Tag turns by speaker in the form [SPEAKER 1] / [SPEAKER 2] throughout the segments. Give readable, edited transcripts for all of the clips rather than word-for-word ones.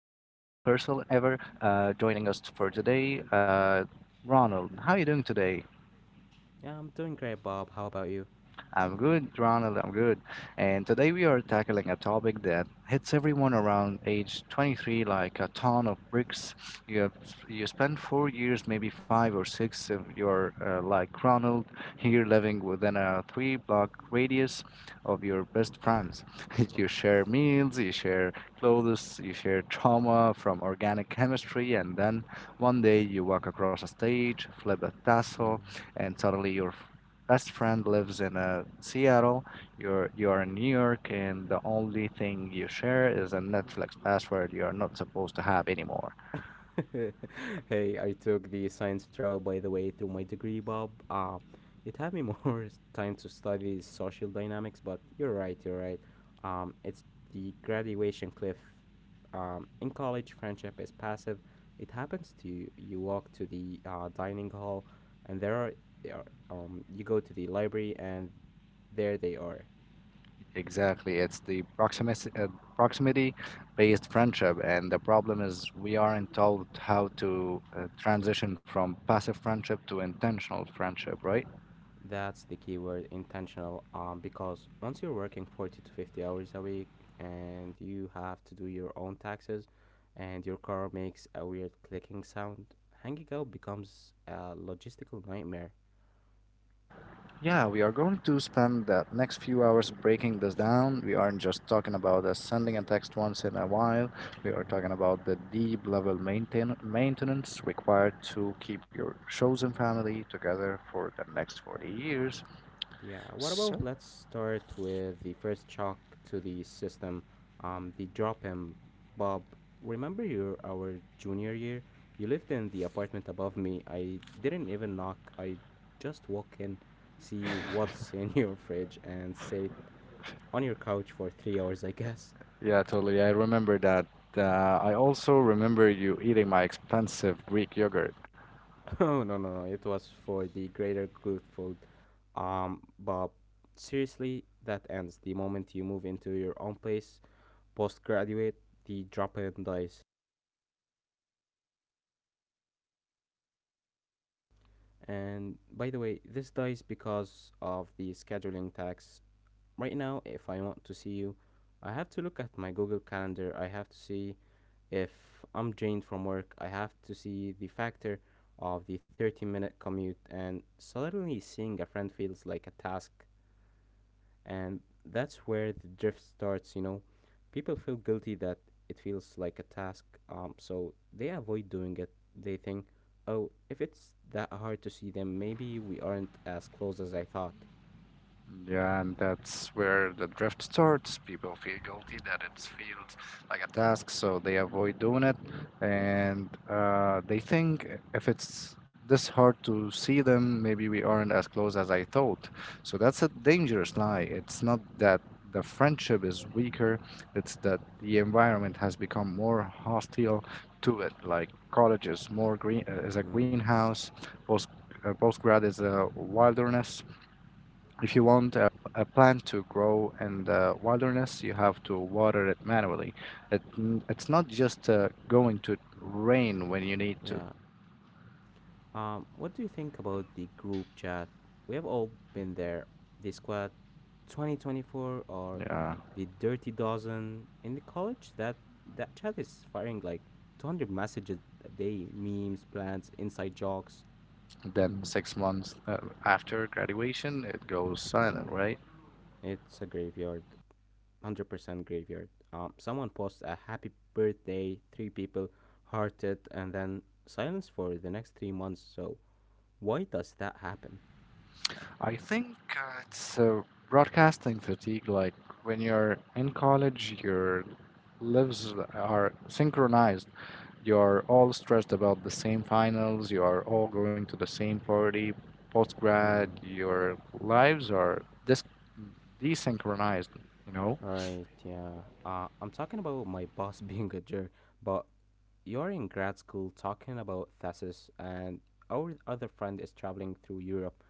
[SPEAKER 1] person ever joining us for today, Ronald. How are you doing today?
[SPEAKER 2] Yeah, I'm doing great, Bob. How about you?
[SPEAKER 1] I'm good, Ronald. I'm good. And today we are tackling a topic that hits everyone around age 23 like a ton of bricks. You have, you spend 4 years, maybe five or six, of your like Ronald here living within a three block radius of your best friends. You share meals, you share clothes, you share trauma from organic chemistry, and then one day you walk across a stage, flip a tassel, and suddenly your best friend lives in Seattle, you are in New York, and the only thing you share is a Netflix password you are not supposed to have anymore.
[SPEAKER 2] Mm. Hey, I took the science route, by the way, through my degree, Bob. It had me more time to study social dynamics, but you're right. It's the graduation cliff. In college, friendship is passive. It happens to you. You walk to the dining hall, and there are. You go to the library, and there they are.
[SPEAKER 1] Exactly, it's the proximity based friendship, and the problem is we aren't told how to transition from passive friendship to intentional friendship, right?
[SPEAKER 2] That's the keyword: intentional. Because once you're working 40 to 50 hours a week and you have to do your own taxes and your car makes a weird clicking sound, hanging out becomes a logistical nightmare.
[SPEAKER 1] Yeah, we are going to spend the next few hours breaking this down. We aren't just talking about sending a text once in a while. We are
[SPEAKER 2] Uh,
[SPEAKER 1] talking about the deep level maintenance required to keep your chosen family together for the next 40 years.
[SPEAKER 2] Yeah, what about,
[SPEAKER 1] So,
[SPEAKER 2] let's start with the first shock to the system, the drop in. Bob, remember your our junior year? You lived in the apartment above me. I didn't even knock. I just walk in, see what's in your fridge, and sit on your couch for 3 hours, I guess.
[SPEAKER 1] yeah, totally. I remember that. I also remember you eating my expensive Greek yogurt.
[SPEAKER 2] Oh, no, no, no! It was for the greater good food. Bob, seriously, that ends the moment you move into your own place. Postgraduate, the drop in dies. And by the way, this dies because of the scheduling tax. Right now, if I want to see you, I have to look at my Google Calendar. I have to see if I'm drained from work. I have to see the factor of the 30-minute commute. And suddenly, seeing a friend feels like a task, and that's where the drift starts. You know, people feel guilty that it feels like a task, so they avoid doing it. They think, oh, if it's that hard to see them, maybe we aren't as close as I thought.
[SPEAKER 1] Yeah, and that's where the drift starts. People feel guilty that it feels like a task, so they avoid doing it. And they think if it's this hard to see them, maybe we aren't as close as I thought. So that's a dangerous lie. It's not that the friendship is weaker, it's that the environment has become more hostile to it. Like college is more is a
[SPEAKER 2] Mm,
[SPEAKER 1] greenhouse, post postgrad is a wilderness. If you want a plant to grow in the wilderness, you have to water it manually. It's not just going to rain when you need to.
[SPEAKER 2] yeah, what do you think about the group chat? We have all been there, the squad 2024 or
[SPEAKER 1] Uh,
[SPEAKER 2] the dirty dozen in the college. That chat is firing like 200 messages a day, memes, plans, inside jokes.
[SPEAKER 1] then 6 months after graduation, it goes silent, right?
[SPEAKER 2] It's a graveyard, 100% graveyard. Someone posts a happy birthday, three people hearted, and then silence for the next 3 months. So, why does that happen?
[SPEAKER 1] I think it's broadcasting fatigue. Like when you're in college, your lives are synchronized. You're all stressed about the same finals. You are all going to the same party. Post grad, your lives are desynchronized. You know.
[SPEAKER 2] Right, yeah. I'm talking about my boss being a jerk, but you're in grad school talking about thesis, and our other friend is traveling through Europe.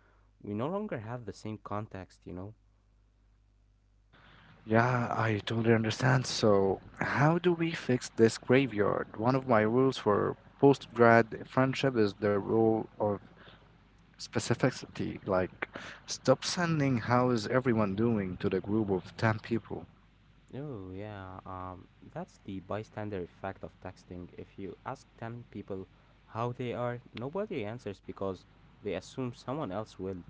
[SPEAKER 2] We no longer have the same context, you know?
[SPEAKER 1] Yeah, I totally understand. So, how do we fix this graveyard? One of my rules for post grad friendship is the rule of specificity, like stop sending how is everyone doing to the group of 10 people.
[SPEAKER 2] Oh, yeah. That's the bystander effect of texting. If you ask 10 people how they are, nobody answers because they assume someone else will.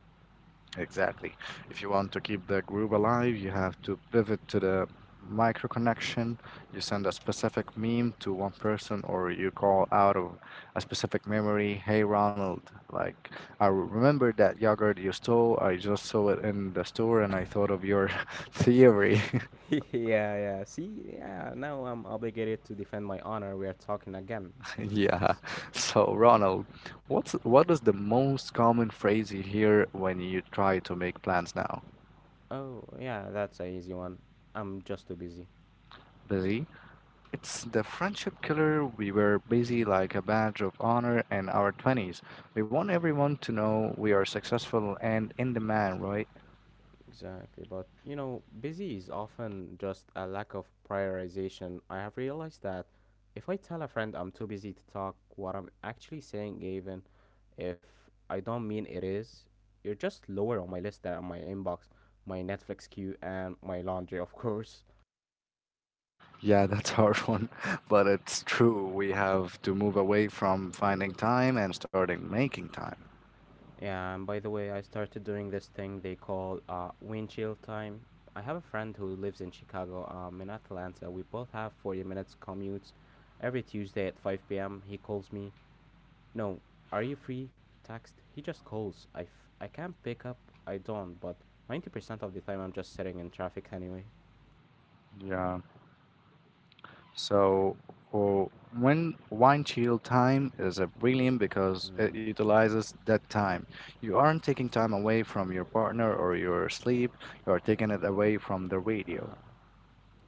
[SPEAKER 1] Exactly, if you want to keep the group alive you have to pivot to the micro connection. You send a specific meme to one person or you call out of a specific memory. Hey Ronald, like I remember that yogurt you stole, I just saw it in the store and I thought of your theory.
[SPEAKER 2] Yeah, yeah. See, yeah, now I'm obligated to defend my honor. We are talking again.
[SPEAKER 1] Yeah.
[SPEAKER 2] S-
[SPEAKER 1] So, Ronald, what is the most common phrase you hear when you try to make plans now?
[SPEAKER 2] Oh, yeah, that's a easy one. I'm just too busy.
[SPEAKER 1] Busy? It's the friendship killer. We were busy
[SPEAKER 2] Mm,
[SPEAKER 1] like a badge of honor in our 20s. We want everyone to know we are successful and in demand, right?
[SPEAKER 2] exactly. But, you know, busy is often just a lack of prioritization. I have realized that if I tell a friend I'm too busy to talk, what I'm actually saying, even if I don't mean it, is, you're just lower on my list than my inbox, my Netflix queue, and my laundry, of course.
[SPEAKER 1] Yeah, that's a hard one, but it's true. We have to move away from finding time and starting making time.
[SPEAKER 2] And by the way, I started doing this thing they call windshield time. I have a friend who lives in Chicago. In Atlanta, we both have 40 minutes commutes. Every Tuesday at 5 p.m., he calls me. No "are you free?" text. He just calls. I can't pick up. I don't. But 90% of the time, I'm just sitting in traffic anyway.
[SPEAKER 1] Yeah. So, oh, when wine chill time is a brilliant because it
[SPEAKER 2] Mm,
[SPEAKER 1] utilizes that time. You aren't taking time away from your partner or your sleep, you are taking it away from the radio.
[SPEAKER 2] yeah.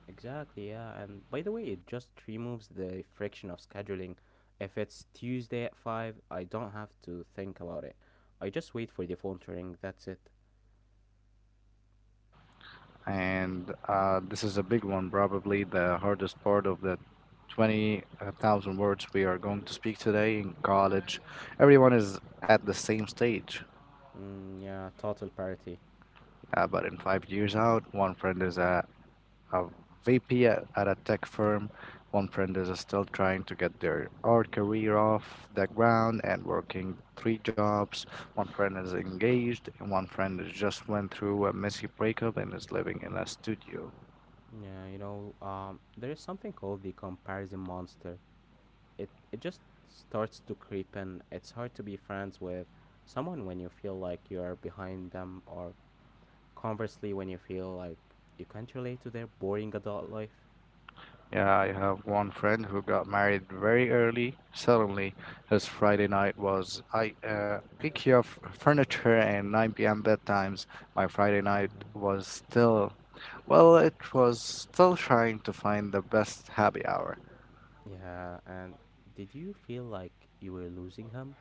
[SPEAKER 2] Exactly, yeah. And by the way, it just removes the friction of scheduling. If it's Tuesday at 5, I don't have to think about it. I just wait for the phone to ring, that's it.
[SPEAKER 1] And this is a big one, probably the hardest part of the 20,000 words we are going to speak today in college. Everyone is at the same stage.
[SPEAKER 2] Mm, yeah, total parity.
[SPEAKER 1] But in 5 years out, one friend is a VP at a tech firm. One friend is still trying to get their art career off the ground and working three jobs. One friend is engaged, and one friend is just went through a messy breakup and is living in a studio.
[SPEAKER 2] Yeah, you know, there is something called the comparison monster. It just starts to creep in. It's hard to be friends with someone when you feel like you are behind them, or conversely, when you feel like you can't relate to their boring adult life.
[SPEAKER 1] Yeah, I have one friend who got married very early. Suddenly, his Friday night was I IKEA furniture and 9 p.m. bedtimes. My Friday night
[SPEAKER 2] Yeah.
[SPEAKER 1] was still, well, it was still trying to find the best happy hour.
[SPEAKER 2] Yeah, and did you feel like you were losing him?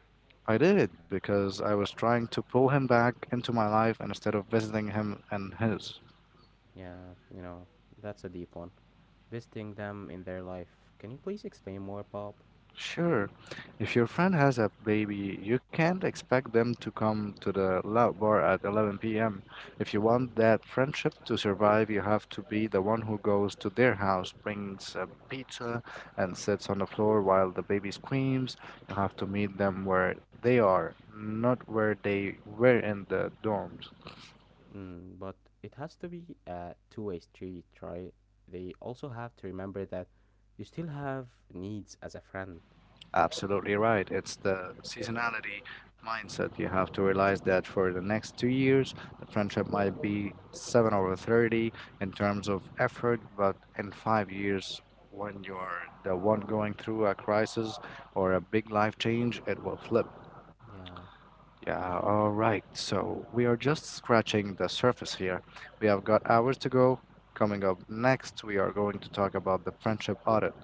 [SPEAKER 1] I did it because I was trying to pull him back into my life instead of visiting him and his.
[SPEAKER 2] Yeah, you know, that's a deep one. Visiting them in their life. Can you please explain more, Bob?
[SPEAKER 1] Sure. If your friend has a baby, you can't expect them to come to the loud bar at 11 p.m. If you want
[SPEAKER 2] Mm,
[SPEAKER 1] that friendship to survive, you have to be the one who goes to their house, brings a pizza, and sits on the floor while the baby screams. You have to meet them where they are, not where they were in the dorms.
[SPEAKER 2] but it has to be a two-way street, right? They also have to remember that you still have needs as a friend.
[SPEAKER 1] Absolutely right. It's the seasonality mindset. You have to realize that for the next 2 years, the friendship might be
[SPEAKER 2] Mm,
[SPEAKER 1] 7 over 30 in terms of effort, but in 5 years, when you're the one going through a crisis or a big life change, it will flip.
[SPEAKER 2] yeah.
[SPEAKER 1] Yeah, all right. So we are just scratching the surface here. We have got hours to go. Coming up next, we are going to talk about the friendship audit,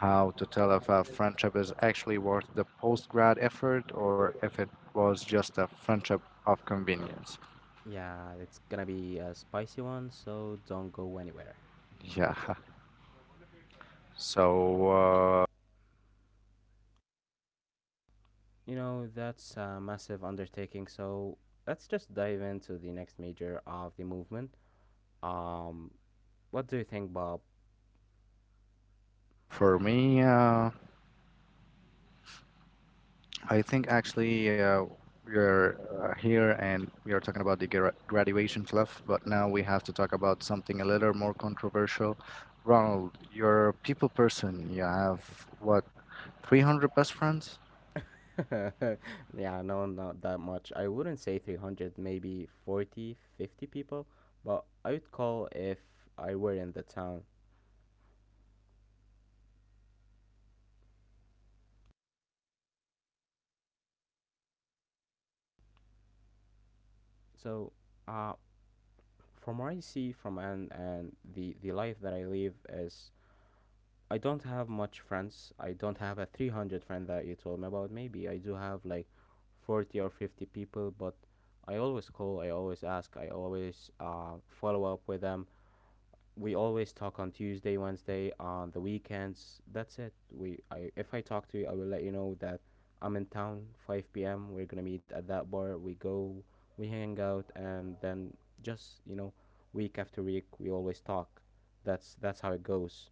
[SPEAKER 1] how to tell if a friendship is actually worth the post grad effort or if it was just a friendship of convenience.
[SPEAKER 2] Yeah, it's gonna be a spicy one, so don't go anywhere.
[SPEAKER 1] Yeah. So uh,
[SPEAKER 2] You know, that's a massive undertaking. So let's just dive into the next major of the movement. Um, what do you think, Bob?
[SPEAKER 1] for me, I think actually we are here and we are talking about the graduation fluff, but now we have to talk about something a little more controversial. Ronald, you're a people person. You have what, 300 best friends?
[SPEAKER 2] yeah, no, not that much. I wouldn't say 300, maybe 40, 50 people, but I would call if I were in the town. So, uh, from what I see from and the life that I live is, I don't have much friends. I don't have a 300 friend that you told me about. Maybe I do have like 40 or 50 people, but I always call, I always ask, I always follow up with them. We always talk on Tuesday, Wednesday, on the weekends. That's it. We, I, if I talk to you, I will let you know that I'm in town 5 p.m. We're gonna meet at that bar. We go, we hang out, and then, just, you know, week after week, we always talk. That's how it goes.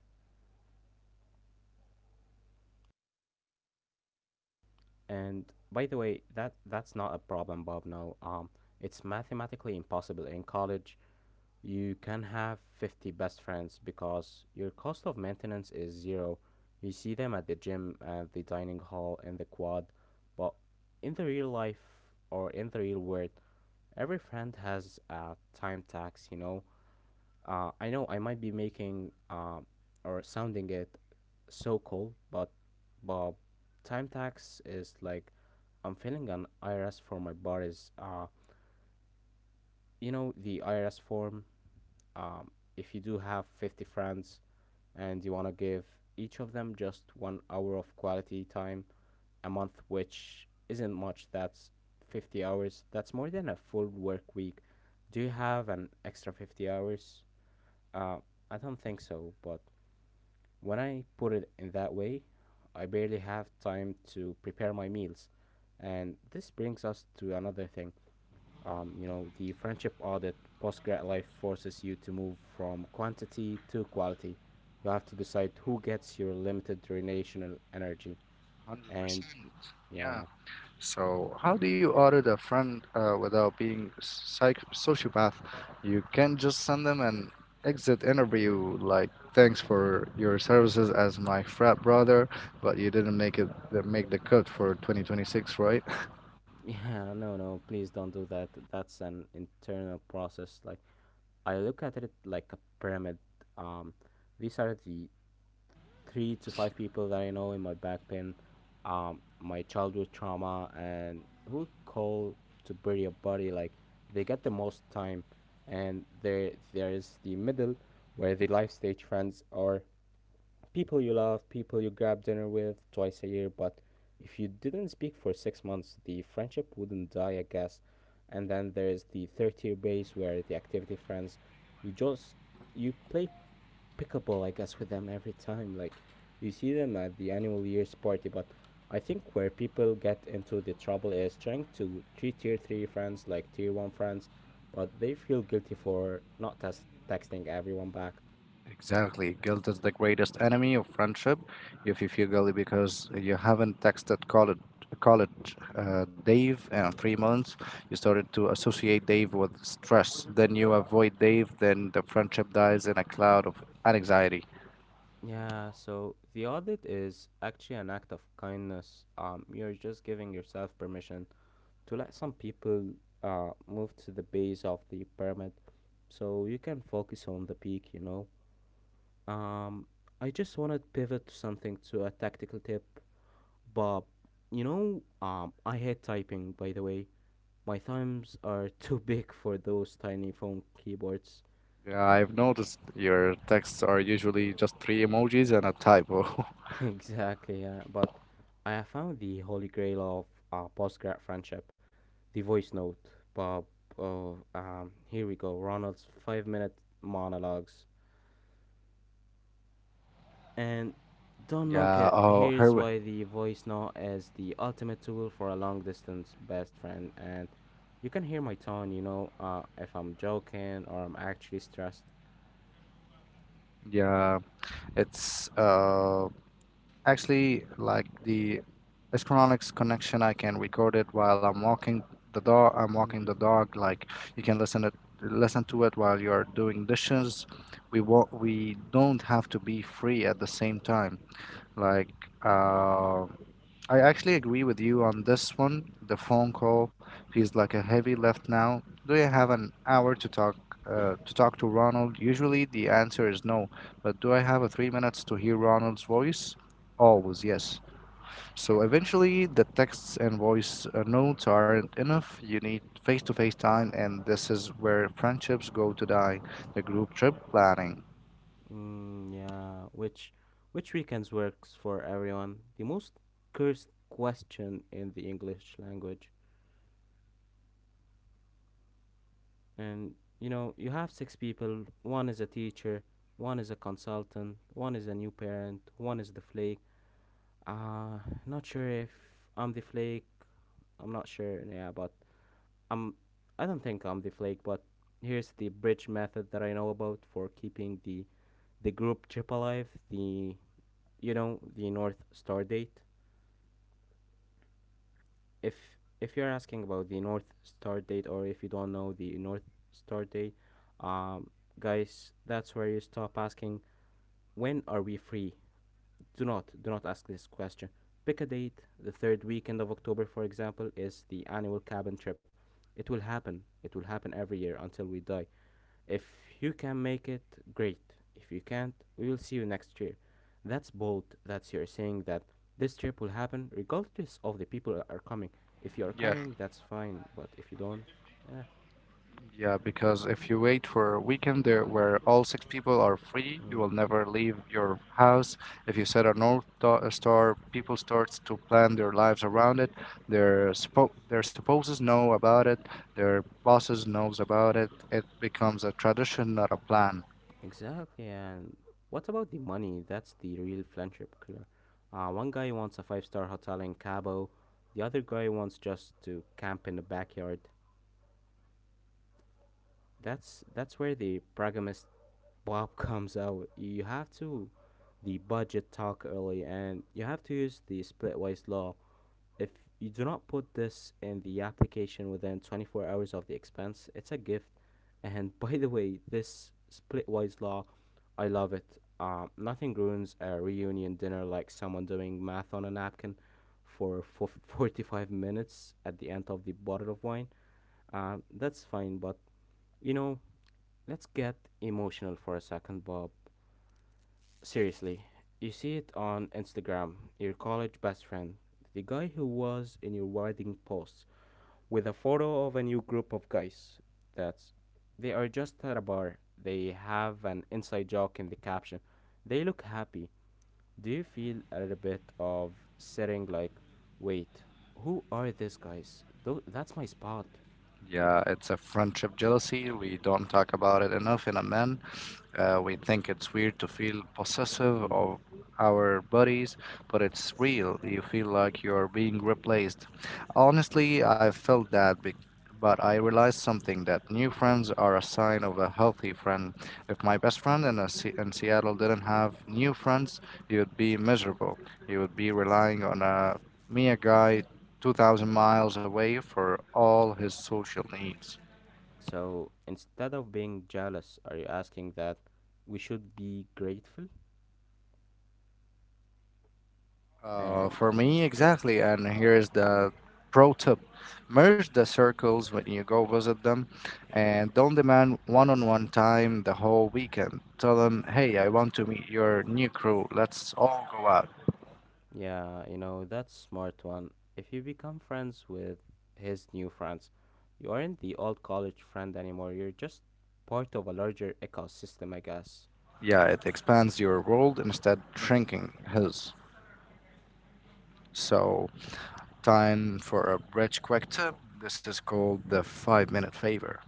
[SPEAKER 2] And by the way, that's not a problem, Bob. No, it's mathematically impossible. In college, you can have 50 best friends because your cost of maintenance is zero. You see them at the gym, at the dining hall, in the quad, but in the real life, or in the real world, every friend has a time tax. You know, I know I might be making or sounding it so cool, but Bob, time tax is like I'm filling an IRS for my buddies. You know the IRS form. If you do have 50 friends and you want to give each of them just 1 hour of quality time a month, which isn't much. That's 50 hours. That's more than a full work week. Do you have an extra 50 hours? Uh, I don't think so. But when I put it in that way, I barely have time to prepare my meals. And this brings us to another thing. You know, the friendship audit, postgrad life forces you to move from quantity to quality. You have to decide who gets your limited relational energy.
[SPEAKER 1] one Hundred
[SPEAKER 2] And
[SPEAKER 1] percent.
[SPEAKER 2] yeah.
[SPEAKER 1] Yeah. So, how do you order the friend without being psych sociopath? You can just send them an exit interview, like thanks for your services as my frat brother, but you didn't make the cut for 2026, right?
[SPEAKER 2] Yeah, no, no, please don't do that. That's an internal process. Like, I look at it like a pyramid. Um, these are the three to five people that I know in my back pain, my childhood trauma, and who call to bury a body. Like, they get the most time, and there is the middle where the life stage friends are, people you love, people you grab dinner with twice a year. But if you didn't speak for 6 months, the friendship wouldn't die, I guess. And then there is the third tier base, where the activity friends, you just you play Pickable, I guess, with them every time. Like, you see them at the annual year's party. But I think where people get into the trouble is trying to treat tier three friends like tier one friends, but they feel guilty for not texting everyone back.
[SPEAKER 1] Exactly. Guilt is the greatest enemy of friendship. If you feel guilty because you haven't texted college Dave in 3 months, you started to associate Dave with stress. Then you avoid Dave, then the friendship dies in a cloud of anxiety.
[SPEAKER 2] Yeah, so the audit is actually an act of kindness. You're just giving yourself permission to let some people move to the base of the pyramid so you can focus on the peak, you know? Um, I just want to pivot to something, to a tactical tip, but, you know, I hate typing. By the way, my thumbs are too big for those tiny phone keyboards.
[SPEAKER 1] Yeah, I've noticed your texts are usually just three emojis and a typo.
[SPEAKER 2] Exactly, yeah. But I have found the holy grail of postgrad friendship, the voice note. Bob. Oh, here we go, Ronald's five-minute monologues. And don't knock
[SPEAKER 1] Yeah,
[SPEAKER 2] it.
[SPEAKER 1] oh,
[SPEAKER 2] Here's
[SPEAKER 1] her.
[SPEAKER 2] why the voice note is the ultimate tool for a long distance best friend. And you can hear my tone, you know, if I'm joking or I'm actually stressed.
[SPEAKER 1] Yeah, it's actually, like the Astronics connection, I can record it while I'm walking the dog. I'm walking the
[SPEAKER 2] Mm,
[SPEAKER 1] dog. Like you can listen it, listen to it while you're doing dishes. We don't have to be free at the same time. Like uh, I actually agree with you on this one. The phone call feels like a heavy lift now. Do you have an hour to talk to Ronald? Usually the answer is no, but do I have a 3 minutes to hear Ronald's voice? Always yes. So eventually the texts and voice notes aren't enough. You need face-to-face time, and this is where friendships go to die. The group trip planning.
[SPEAKER 2] yeah, which weekends works for everyone. The most cursed question in the English language. And, you know, you have six people. One is a teacher, one is a consultant, one is a new parent, one is the flake. Uh, not sure if I'm the flake. I'm not sure. Yeah, but I'm. I don't think I'm the flake. But here's the bridge method that I know about for keeping the group chip alive. The, you know, the North Star date. If if you're asking about the North Star date, or if you don't know the North Star date, um, guys, that's where you stop asking when are we free. Do not ask this question. Pick a date. The third weekend of October, for example, is the annual cabin trip. It will happen. It will happen every year until we die. If you can make it, great. If you can't, we will see you next year. That's bold. That's you're saying that this trip will happen regardless of the people that are coming. If you are
[SPEAKER 1] Yeah.
[SPEAKER 2] coming, that's fine. But if you don't. eh,
[SPEAKER 1] Yeah, because if you wait for a weekend there where all six people are free, you will
[SPEAKER 2] mm,
[SPEAKER 1] never leave your house. If you set a North ta- a Star, people starts to plan their lives around it. Their spouses know about it. Their bosses knows about it. It becomes a tradition, not a plan.
[SPEAKER 2] Exactly, and what about the money? That's the real friendship killer. One guy wants a five-star hotel in Cabo, the other guy wants just to camp in the backyard. That's where the pragmatist Bob comes out. You have to the budget talk early, and you have to use the split ways law. If you do not put this in the application within 24 hours of the expense, it's a gift. And by the way, this splitwise law, I love it. Nothing ruins a reunion dinner like someone doing math on a napkin for 45 minutes at the end of the bottle of wine. That's fine, but you know, let's get emotional for a second, Bob. Seriously, you see it on Instagram, your college best friend, the guy who was in your wedding post, with a photo of a new group of guys. That's they are just at a bar. They have an inside joke in the caption. They look happy. Do you feel a little bit of sitting like, wait, who are these guys? That's my spot.
[SPEAKER 1] Yeah, it's a friendship jealousy. We don't talk about it enough in a man. We think it's weird to feel possessive
[SPEAKER 2] Mm.
[SPEAKER 1] of our bodies, but it's real. You feel like you're being replaced. Honestly, I felt that, but I realized something that new friends are a sign of a healthy friend. If my best friend in Seattle didn't have new friends, he would be miserable. He would be relying on a mere guy 2,000 miles away for all his social needs.
[SPEAKER 2] So instead of being jealous, are you asking that we should be grateful?
[SPEAKER 1] Uh,
[SPEAKER 2] And.
[SPEAKER 1] for me, exactly. And here's the pro tip: merge the circles when you go visit them and don't demand one on one time the whole weekend. Tell them, hey, I want to meet your new crew. Let's all go out.
[SPEAKER 2] Yeah, that's smart one. If you become friends with his new friends, you aren't the old college friend anymore. You're just part of a larger ecosystem, I guess.
[SPEAKER 1] Yeah, it expands your world instead shrinking his. So, time for a rich quick tip. This is called the 5 minute favor.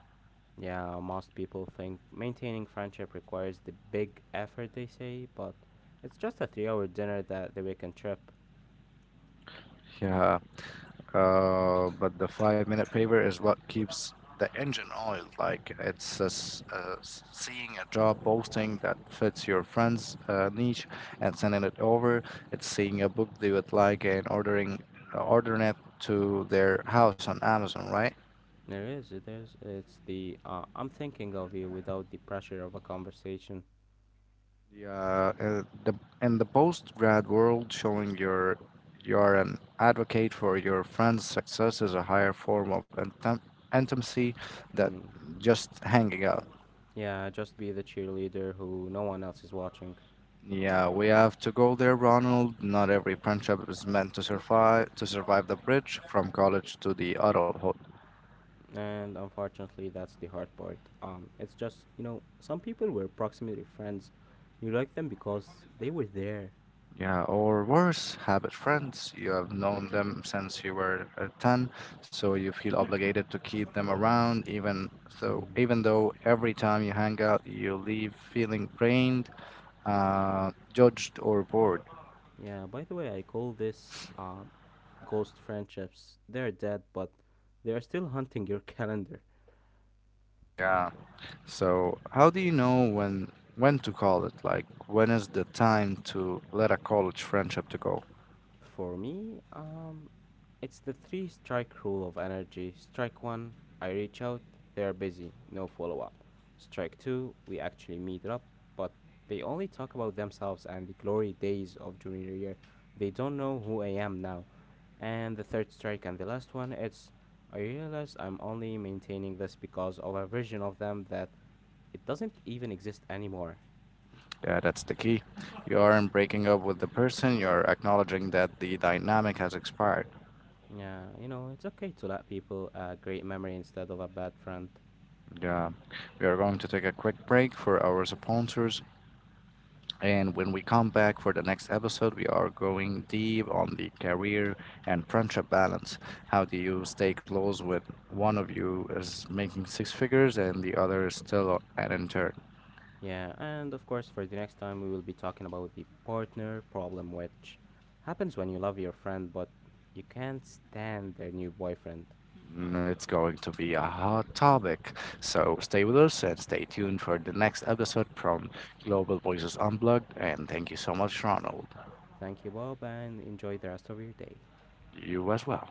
[SPEAKER 2] Yeah, most people think maintaining friendship requires the big effort they say, but it's just a 3-hour dinner that the weekend trip.
[SPEAKER 1] Yeah. But the 5 minute paver is what keeps the engine oiled. Like it's seeing a job posting that fits your friend's niche and sending it over. It's seeing a book they would like and ordering it to their house on Amazon, right?
[SPEAKER 2] It is, it is. It's the I'm thinking of you without the pressure of a conversation.
[SPEAKER 1] Yeah, the In the post grad world, showing your you're an advocate for your friend's success is a higher form of intimacy that
[SPEAKER 2] Hmm.
[SPEAKER 1] just hanging out.
[SPEAKER 2] Yeah, just be the cheerleader who no one else is watching.
[SPEAKER 1] Yeah, we have to go there, Ronald. Not every friendship is meant to survive the bridge from college to the adulthood.
[SPEAKER 2] And unfortunately, that's the hard part. It's just some people were proximity friends. You like them because they were there.
[SPEAKER 1] Yeah, or worse, habit friends. You have known them since you were 10, so you feel obligated to keep them around even
[SPEAKER 2] Mm.
[SPEAKER 1] though every time you hang out you leave feeling drained, judged or bored.
[SPEAKER 2] Yeah, by the way, I call this ghost friendships. They're dead, but they are still hunting your calendar.
[SPEAKER 1] Yeah. So, how do you know when to call it? Like, when is the time to let a college friendship to go?
[SPEAKER 2] For me, it's the three strike rule of energy. Strike one, I reach out, they're busy, no follow up. Strike two, we actually meet up, but they only talk about themselves and the glory days of junior year. They don't know who I am now. And the third strike and the last one, it's I realize I'm only maintaining this because of a version of them that it doesn't even exist anymore.
[SPEAKER 1] Yeah, that's the key. You aren't breaking up with the person, you're acknowledging that the dynamic has expired.
[SPEAKER 2] Yeah, it's okay to let people a great memory instead of a bad friend.
[SPEAKER 1] Yeah. We are going to take a quick break for our sponsors. And when we come back for the next episode, we are going deep on the career and friendship balance. How do you stay close with one of
[SPEAKER 2] Mm.
[SPEAKER 1] you is making six figures and the other is still an intern?
[SPEAKER 2] Yeah, and of course, for the next time, we will be talking about the partner problem, which happens when you love your friend but you can't stand their new boyfriend.
[SPEAKER 1] Mm, it's going to be a hot topic. So stay with us and stay tuned for the next episode from Global Voices Unplugged. And thank you so much, Ronald.
[SPEAKER 2] Thank you, Bob, and enjoy the rest of your day.
[SPEAKER 1] You as well.